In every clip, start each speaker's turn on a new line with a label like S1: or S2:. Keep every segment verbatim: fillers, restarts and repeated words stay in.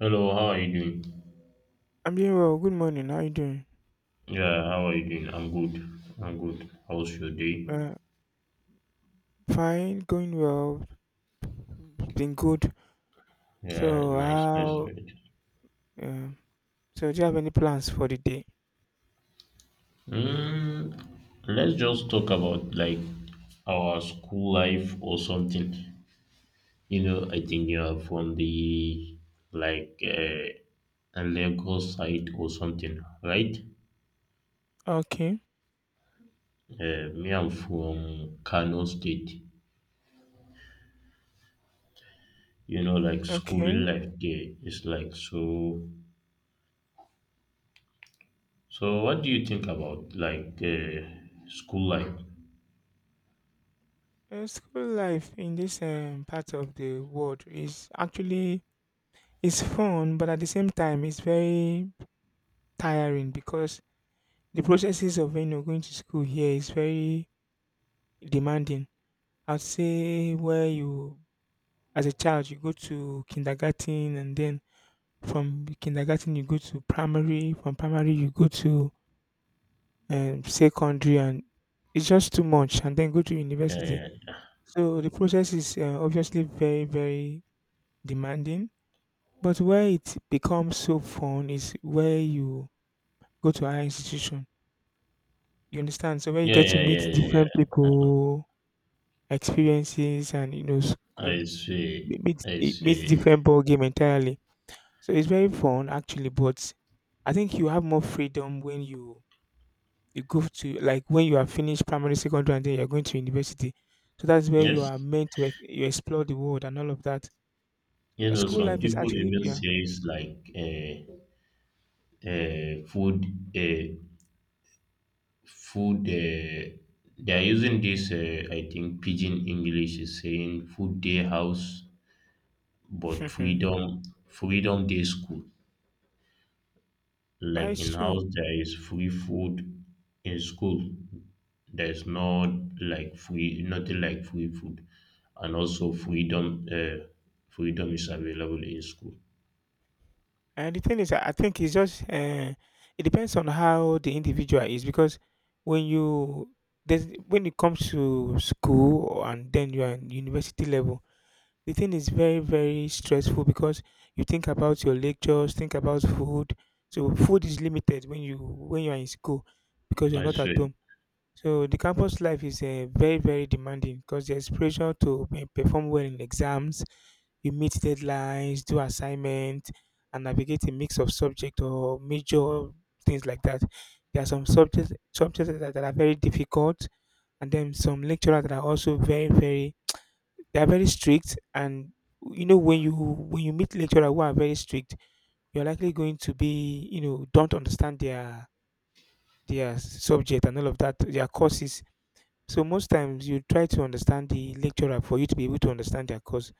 S1: Hello, how are you doing?
S2: I'm doing well. Good morning. How you doing?
S1: Yeah, how are you doing? I'm good. I'm good. How's your day?
S2: Uh, Fine. Going well. Been good.
S1: Yeah,
S2: So
S1: nice. Let's do
S2: how?
S1: it.
S2: Um, so do you have any plans for the day?
S1: Mm, let's just talk about like our school life or something. You know, I think you are from the like uh, Lagos side or something, right?
S2: Okay.
S1: Uh, me, I'm from Kano State. You know, like schooling
S2: Okay.
S1: life there is like so. So, what do you think about like uh, school life?
S2: Uh, school life in this um, part of the world is actually it's fun, but at the same time, it's very tiring because the processes of you know going to school here is very demanding. I'd say where you as a child you go to kindergarten and then from kindergarten you go to primary, from primary you go to um, secondary, and it's just too much and then go to university.
S1: Yeah,
S2: So the process is, uh, obviously very, very demanding, but where it becomes so fun is where you go to higher institution, you understand? So where you
S1: yeah,
S2: get to
S1: yeah, yeah,
S2: meet
S1: yeah, yeah,
S2: different
S1: yeah, yeah.
S2: people, experiences and, you know, s
S1: I
S2: um,
S1: see,
S2: meet
S1: I
S2: eh, meet
S1: see.
S2: different ball game entirely. So it's very fun actually, but I think you have more freedom when you you go to like when you are finished primary, secondary, and then you're going to university. So that's where you
S1: Yes,
S2: are meant to ex- you explore the world and all of that.
S1: you
S2: Uh,
S1: know,
S2: School
S1: some
S2: life is
S1: people
S2: actually,
S1: even
S2: yeah,
S1: say it's like uh, uh, food, uh, food. Uh, they are using this. Uh, I think pidgin English is saying food day house,
S2: but
S1: but freedom, freedom day school. Like
S2: it's
S1: in
S2: true.
S1: house, there is free food. In school, there is not like free, nothing like free food, and also freedom. Uh, freedom is available in school.
S2: And the thing is, I I think it's just uh, it depends on how the individual is because when you there's when it comes to school and then you are in university level, the thing is very, very stressful because you think about your lectures, think about food. So food is limited when you when you are in school because you're
S1: I
S2: not at
S1: see.
S2: home. So the campus life is uh, very, very demanding because there's pressure to pe- perform well in exams. You meet deadlines, do assignment, and navigate a mix of subject or major, things like that. There are some subjects subjects that that are very difficult, and then some lecturers that are also very, very, they are very strict. And you know, when you when you meet lecturer who are very strict, you're likely going to be, you know, don't understand their their subject and all of that, their courses. So most times you try to understand the lecturer for you to be able to understand their course.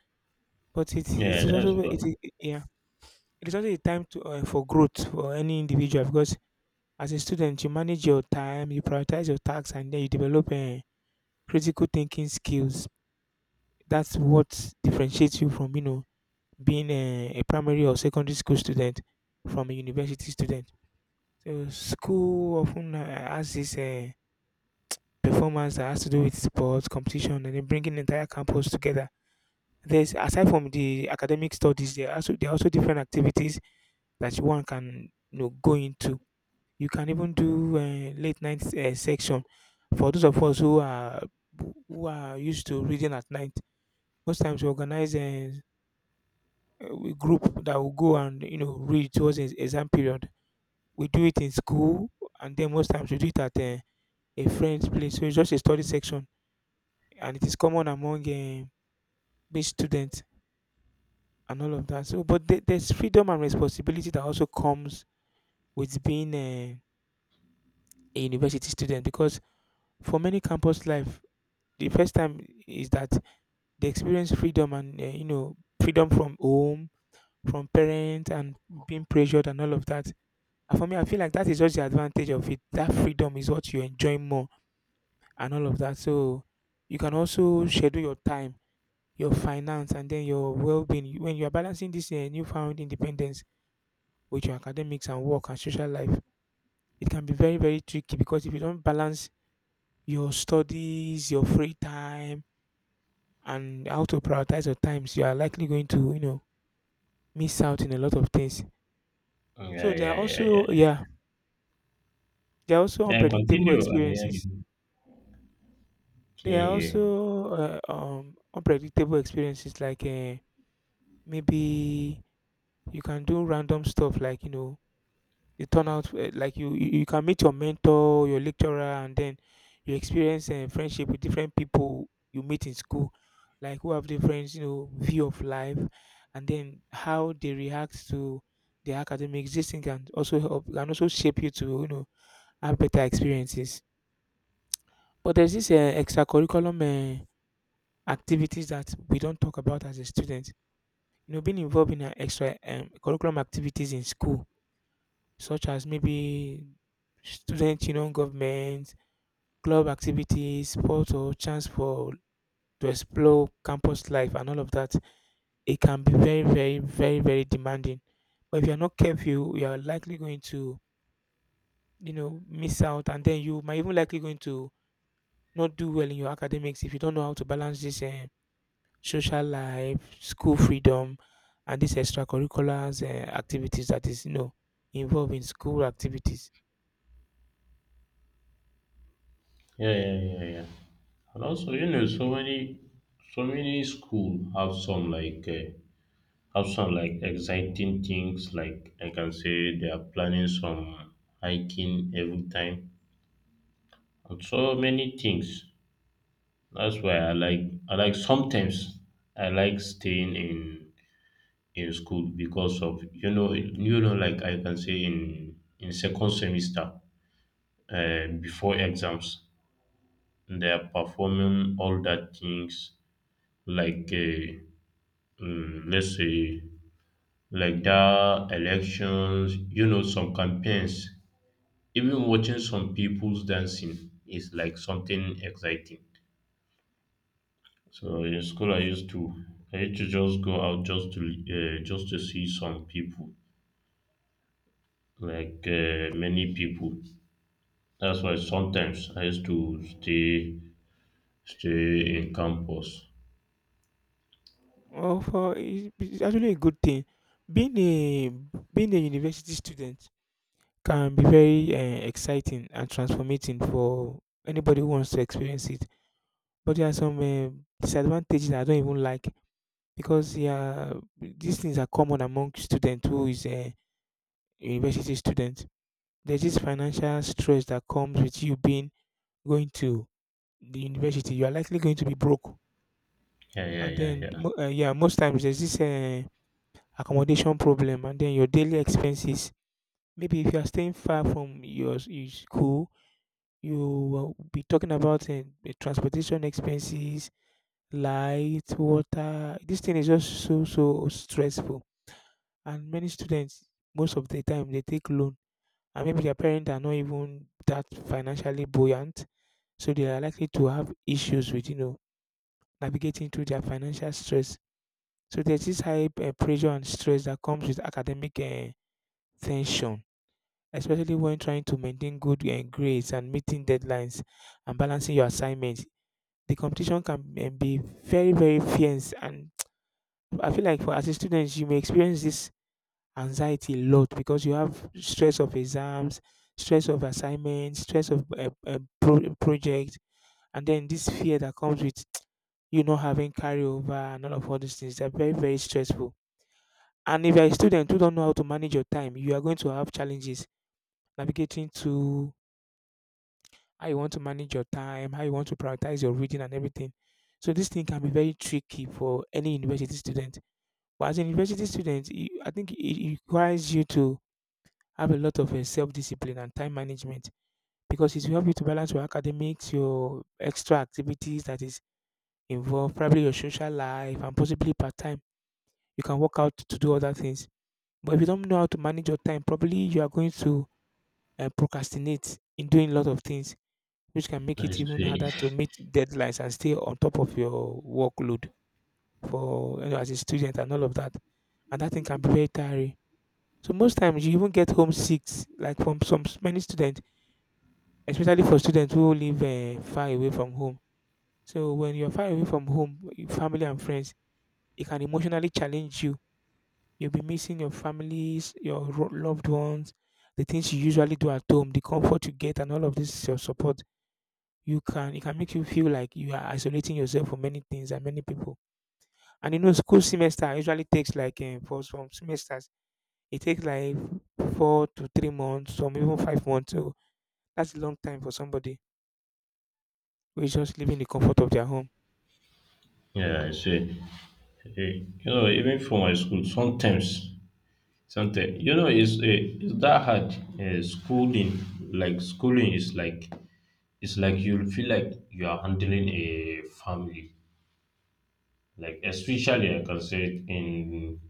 S2: But it
S1: Yeah,
S2: it is
S1: that's
S2: also it
S1: fine.
S2: is yeah, it is also a time to uh, for growth for any individual because as a student you manage your time, you prioritize your tasks, and then you develop uh, critical thinking skills. That's what differentiates you from, you know, being a, a primary or secondary school student from a university student. So school often uh, has this uh, performance that has to do with sports competition and then bringing the entire campus together. There's aside from the academic studies, there are also there are also different activities that one can, you know, go into. You can even do uh, late night uh, section for those of us who are who are used to reading at night. Most times we organize a, a group that will go and, you know, read towards ex- exam period. We do it in school, and then most times we do it at um, a friend's place. So it's just a study section, and it is common among um, big students and all of that. So, but the- there's freedom and responsibility that also comes with being uh, a university student because for many campus life, the first time is that they experience freedom and, uh, you know, freedom from home, from parents and being pressured and all of that. And for me, I feel like that is just the advantage of it. That freedom is what you enjoy more and all of that. So you can also schedule your time, your finance, and then your well-being. When you are balancing this uh, newfound independence with your academics and work and social life, it can be very, very tricky because if you don't balance your studies, your free time, and how to prioritize your times, you are likely going to, you know, miss out in a lot of things.
S1: Yeah,
S2: So there are
S1: yeah, yeah,
S2: also,
S1: yeah.
S2: yeah, there are also
S1: Yeah, yeah,
S2: unpredictable
S1: continue. I mean, I
S2: experiences.
S1: can- yeah,
S2: There are
S1: yeah,
S2: also uh, um, unpredictable experiences like uh, maybe you can do random stuff like, you know, you turn out, eh, like you you you can meet your mentor, your lecturer, and then you experience eh, friendship with different people you meet in school, like who have different, you know, view of life, and then how they react to the academic. This thing can also help can also shape you to, you know, have better experiences. But there's this uh, extracurriculum uh, activities that we don't talk about as a student. You know, being involved in uh, extra um, curriculum activities in school such as maybe student union government, club activities, sports or chance for to explore campus life and all of that, it can be very, very, very, very demanding. But if you're not careful, you are likely going to, you know, miss out, and then you might even likely going to not do well in your academics if you don't know how to balance this, eh, social life, school freedom, and these extracurriculars uh, activities that is, you know, involved in school activities.
S1: yeah, yeah, yeah, yeah. And also, you know, so many, so many school have some like. Uh, Also, like exciting things, like I can say they are planning some hiking every time, and so many things. That's why I like. I like sometimes I like staying in in school because of, you know, you know, like I can say in in second semester uh, before exams they are performing all that things like uh, mm, let's say like that elections, you know, some campaigns. Even watching some people's dancing is like something exciting. So in school, I used to I used to just go out just to uh, just to see some people, like uh, many people. That's why sometimes I used to stay stay in campus.
S2: Well, for it's it's actually a good thing. Being a being a university student can be very uh, exciting and transformating for anybody who wants to experience it. But there are some uh, disadvantages I don't even like because, yeah, these things are common among students who is a university student. There's this financial stress that comes with you being going to the university. You are likely going to be broke,
S1: Yeah, yeah,
S2: and
S1: yeah,
S2: then
S1: yeah.
S2: mo- uh, yeah, most times there's this. Uh, accommodation problem and then your daily expenses. Maybe if you are staying far from your, s- your school, you will be talking about, eh, the transportation expenses, light, water. This thing is just so, so stressful. And many students, most of the time, they take loan. And maybe their parents are not even that financially buoyant. So they are likely to have issues with, you know, navigating through their financial stress. So there's this high eh, pressure and stress that comes with academic uh, tension, especially when trying to maintain good uh, grades and meeting deadlines and balancing your assignments. The competition can um, be very, very fierce, and I feel like for as a student, you may experience this anxiety a lot because you have stress of exams, stress of assignments, stress of a pro- project, and then this fear that comes with you not having carryover and all of all these things. They're very, very stressful. And if you're a student who don't know how to manage your time, you are going to have challenges navigating to how you want to manage your time, how you want to prioritize your reading and everything. So this thing can be very tricky for any university student. But as a university student, you- I think it requires you to have a lot of self discipline and time management because it will help you to balance your academics, your extra activities that is involved, probably your social life, and possibly part time. You can work out to do other things. But if you don't know how to manage your time properly, you are going to uh, procrastinate in doing a lot of things which can make
S1: I
S2: it even
S1: see.
S2: harder to meet deadlines and stay on top of your workload for, you know, as a student and all of that. And that thing can be very tiring. So most times you even get homesick, like from some s- many students, especially for students who live uh, far away from home. So when you're far away from home, your family and friends, it can emotionally challenge you. You'll be missing your families, your ro- loved ones, the things you usually do at home, the comfort you get, and all of this your support. You can it can make you feel like you are isolating yourself from many things and many people. And you know, school semester usually takes like um, for some semesters, it takes like four to three months, some even five months. So that's a long time for somebody who is just living in the comfort of their home.
S1: Yeah, I see. Eh, You know, even for my school, sometimes, sometimes, you know, it's eh, it's that hard. Uh, schooling, like schooling, is like it's like you'll feel like you are handling a family, like especially like I can say it in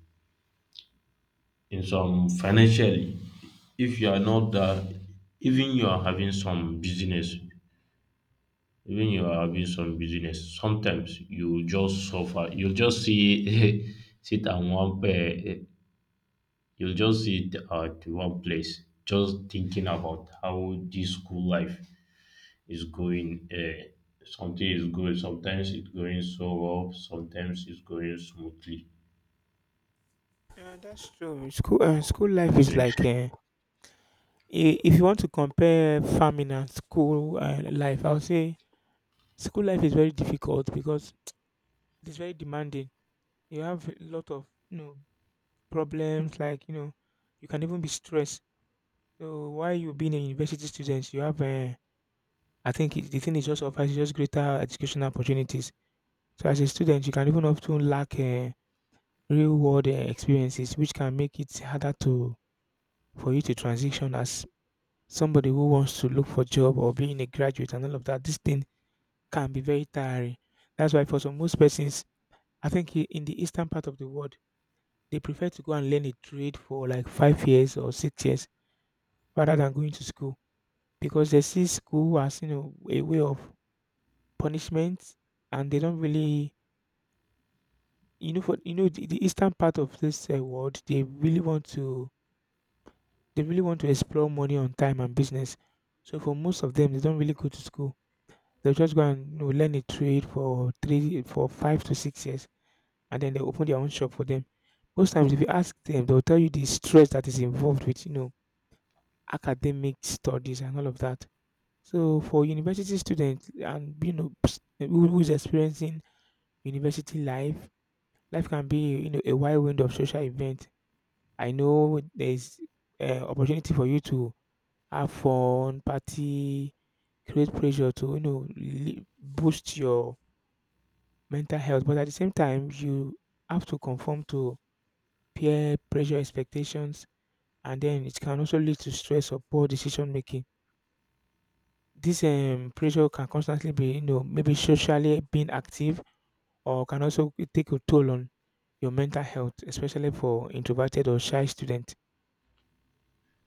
S1: in some financially, if you are not that, even you are having some business, even you are having some business sometimes you just suffer, you just see sit on one pair. You'll just sit uh, at one place, just thinking about how this school life is going. Uh, something is good. Sometimes it's going so well. Sometimes it's going smoothly.
S2: Yeah, that's true. School uh, school life
S1: So,
S2: is like uh, i- if you want to compare farming and school uh, life, I would say school life is very difficult because it's very demanding. You have a lot of, you know, problems, like you know you can even be stressed. So while you being a university student, you have, uh, I think it, the thing is just offers is just greater educational opportunities. So as a student, you can even often lack uh, real world uh, experiences, which can make it harder to for you to transition as somebody who wants to look for job or being a graduate and all of that. This thing can be very tiring. That's why for some most persons, I think i- in the eastern part of the world, they prefer to go and learn a trade for like five years or six years rather than going to school because they see school as you know a way of punishment, and they don't really you know for you know the, the eastern part of this uh, world. They really want to they really want to explore money on time and business. So for most of them, they don't really go to school. They just go and you know, learn a trade for three for five to six years, and then they open their own shop for them. Most times if you ask them, they'll tell you the stress that is involved with you know academic studies and all of that. So for university students and you know ps- who- who's experiencing university life. Life can be, you know, a wide range of social events. I know there's uh, opportunity for you to have fun, party, create pressure to, you know, li- boost your mental health. But at the same time, you have to conform to peer pressure expectations, and then it can also lead to stress or poor decision making. This um, pressure can constantly be, you know, maybe socially being active, or can also take a toll on your mental health, especially for introverted or shy students.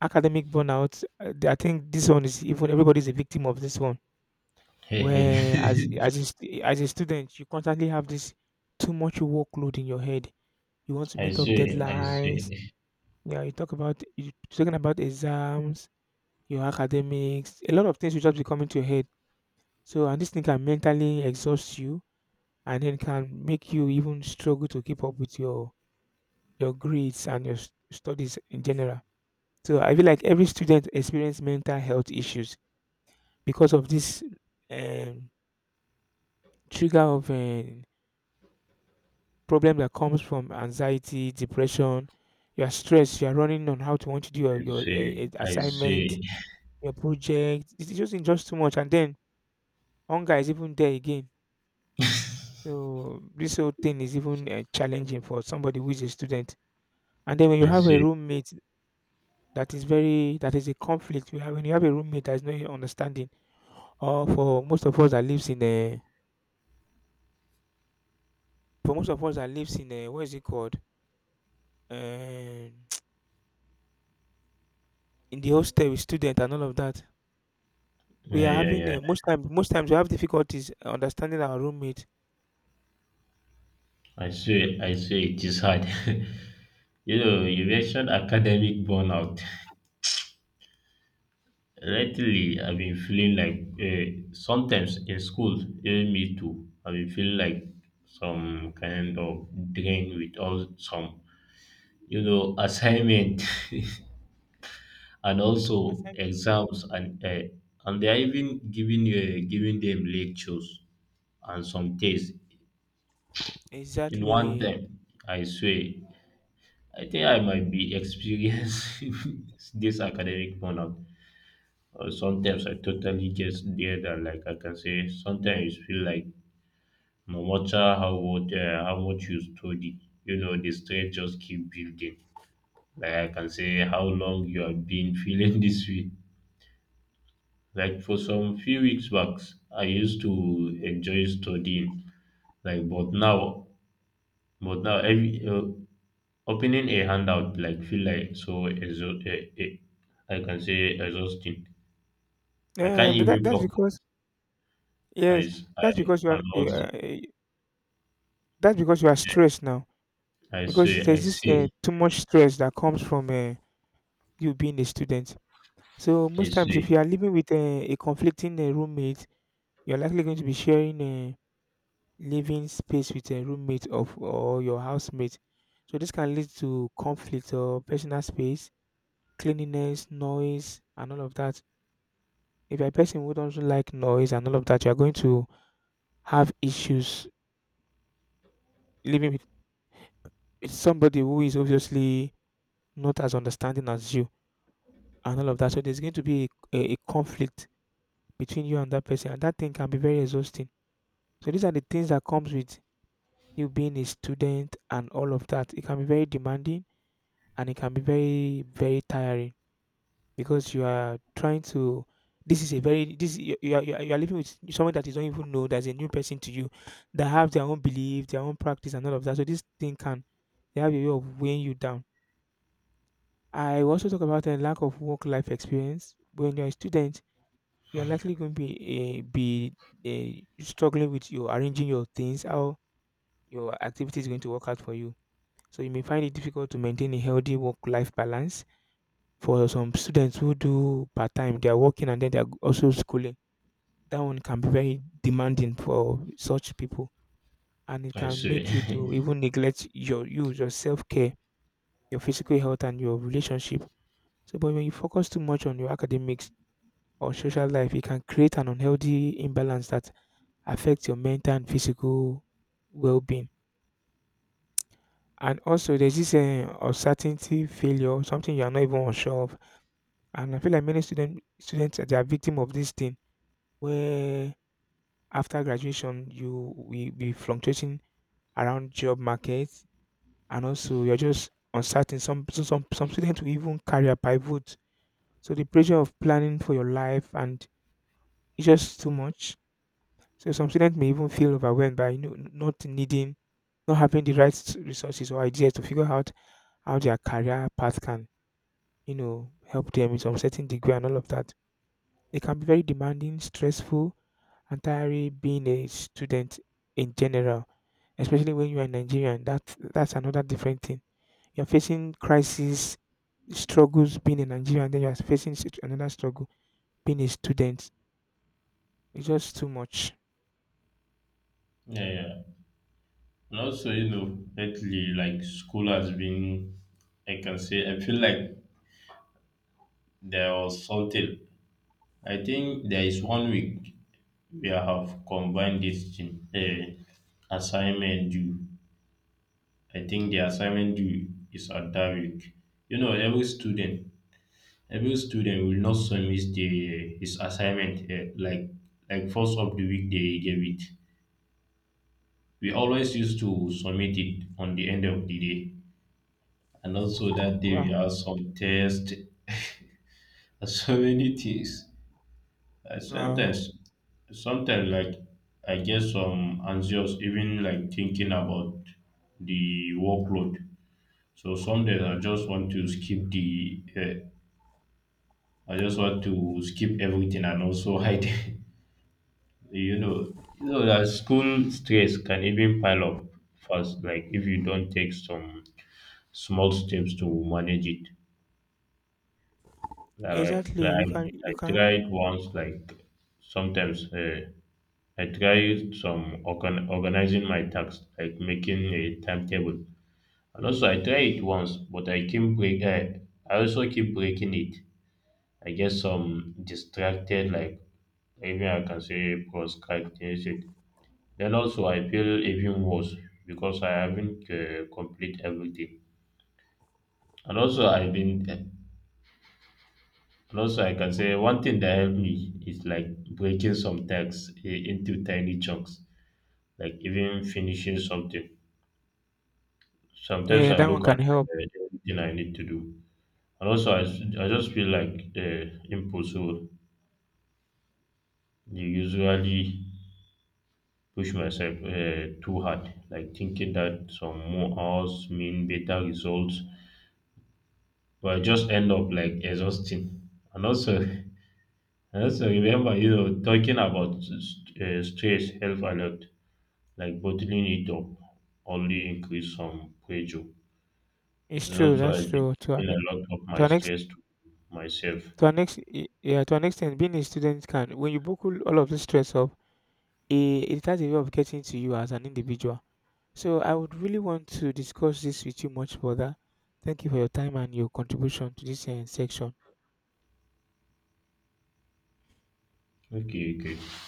S2: Academic burnout, uh, I think this one is even everybody's a victim of this one.
S1: hey,
S2: Where as
S1: hey.
S2: as a, stu- as a student, you constantly have this too much workload in your head. You want to
S1: I
S2: meet up
S1: see. I
S2: deadlines.
S1: see.
S2: Yeah, you talk about you talking about exams, your academics, a lot of things will just be coming to your head. So and this thing can mentally exhaust you, and then can make you even struggle to keep up with your your grades and your s- studies in general. So I feel like every student experience mental health issues because of this um, trigger of um, problem that comes from anxiety, depression. You are stressed. You are running on how to want to do your,
S1: I
S2: your
S1: see.
S2: uh,
S1: I
S2: assignment,
S1: see.
S2: your project. It's just it's just too much, and then hunger is even there again. So this whole thing is even uh, challenging for somebody who is a student. And then when you
S1: I
S2: have a
S1: see.
S2: roommate that is very that is a conflict. You have when you have a roommate that is not understanding, or for most of us that lives in a for most of us that lives in a what is it called? Um In the hostel with student and all of that, we
S1: Yeah,
S2: are
S1: yeah,
S2: having
S1: yeah.
S2: uh, most times. most times we have difficulties understanding our roommate.
S1: I see. I see. It is hard. You know, you mentioned academic burnout. Lately, I've been feeling like uh, sometimes in school, even me too, I've been feeling like some kind of drain with all some, you know, assignment and
S2: Ass-
S1: also
S2: Assignment.
S1: exams and uh, and they are even giving uh, giving them lectures and some tests in one
S2: Exactly.
S1: time. I swear, I think I might be experiencing this academic burnout. Or sometimes I totally get there and like I can say sometimes it feel like no matter how much uh, how much you study, you know the stress just keep building. Like I can say how long you have been feeling this way. Like for some few weeks back, I used to enjoy studying. Like but now, but now every uh, opening a handout like feel like so exo- uh, uh, I can say exhausting. I
S2: Yeah,
S1: can't
S2: and that
S1: even
S2: that's
S1: focus.
S2: because
S1: I
S2: yes,
S1: s- I
S2: that's because you
S1: I
S2: are you
S1: lost.
S2: are, eh, that's because you are stressed now
S1: I say
S2: because
S1: I
S2: there's this uh,
S1: say
S2: too much stress that comes from uh, you being a student. So
S1: I
S2: most times, if
S1: say
S2: you are living with uh, a conflicting uh, roommate, you're likely going to be sharing. Uh, living space with a roommate of or your housemate. So this can lead to conflict or personal space, cleanliness, noise, and all of that. If you're a person who doesn't like noise and all of that, you're going to have issues living with, with somebody who is obviously not as understanding as you and all of that. So there's going to be a, a, a conflict between you and that person, and that thing can be very exhausting. So these are the things that comes with you being a student and all of that. It can be very demanding, and it can be very very tiring because you are trying to this is a very this you you are, you are you are living with someone that you don't even know, that's a new person to you, that have their own belief, their own practice and all of that. So this thing, can they have a way of weighing you down. I will also talk about a lack of work life experience. When you're a student, you're likely going to be uh, be uh, struggling with your arranging your things, how your activity is going to work out for you. So you may find it difficult to maintain a healthy work life balance. For some students who do part-time, they are working and then they are also schooling. That one can be very demanding for such people, and it
S1: I
S2: can make you
S1: say.
S2: to even neglect your you, your self-care, your physical health, and your relationship. So, but when you focus too much on your academics or social life, it can create an unhealthy imbalance that affects your mental and physical well-being. And also, there's this uh, uncertainty, failure, something you are not even unsure of, and I feel like many student students they are victim of this thing where after graduation you will be fluctuating around job market, and also you're just uncertain. Some, so some some students will even career pivot. So the pressure of planning for your life and it's just too much. So some students may even feel overwhelmed by you know, not needing, not having the right s- resources or ideas to figure out how their career path can, you know, help them in some certain degree and all of that. It can be very demanding, stressful, entirely being a student in general, especially when you are Nigerian. That that's another different thing. You're facing crises, struggles being a Nigerian, then you're facing such another struggle being a student. It's just too much.
S1: Yeah, yeah. And also, you know, lately, like school has been, I can say, I feel like there was something. I think there is one week we have combined this thing, uh, assignment due. I think the assignment due is at that week. You know, every student, every student will not submit the his assignment uh, like like first of the week they gave it. We always used to submit it on the end of the day. And also
S2: Oh,
S1: that day we
S2: wow.
S1: had some test, and so many things. I
S2: Uh,
S1: sometimes, sometimes like I get some anxious even like thinking about the workload. So some days I just want to skip the, uh, I just want to skip everything and also hide. You know, you know that school stress can even pile up fast, like if you don't take some small steps to manage it. Like,
S2: exactly. You
S1: like
S2: can. You
S1: I
S2: can.
S1: tried once, like sometimes uh, I tried some organ- organizing my tasks, like making a timetable. And also, I tried it once, but I keep break. I, I also keep breaking it. I get some distracted, like even I can say procrastinate. Then also, I feel even worse because I haven't uh, complete everything. And also, I've been uh, and also, I can say one thing that helped me is like breaking some tasks i- into tiny chunks, like even finishing something. Sometimes
S2: Yeah,
S1: I
S2: that
S1: look
S2: one can
S1: at
S2: help.
S1: the everything I need to do, and also I, s- I just feel like uh, impossible. You usually push myself uh, too hard, like thinking that some more hours mean better results, but I just end up like exhausting. And also, and also remember, you know, talking about s- s- uh, stress help a lot. Like bottling it up only increase some pressure.
S2: It's
S1: And
S2: true.
S1: also
S2: That's
S1: I've been
S2: true. To
S1: keeping
S2: an e-
S1: a lot of my
S2: to an ex
S1: stress to myself.
S2: to an ex y- yeah, to an extent, being a student can, when you buckle all of this stress up, it, it has a way of getting to you as an individual. So I would really want to discuss this with you much further. Thank you for your time and your contribution to this uh, section.
S1: Okay, okay.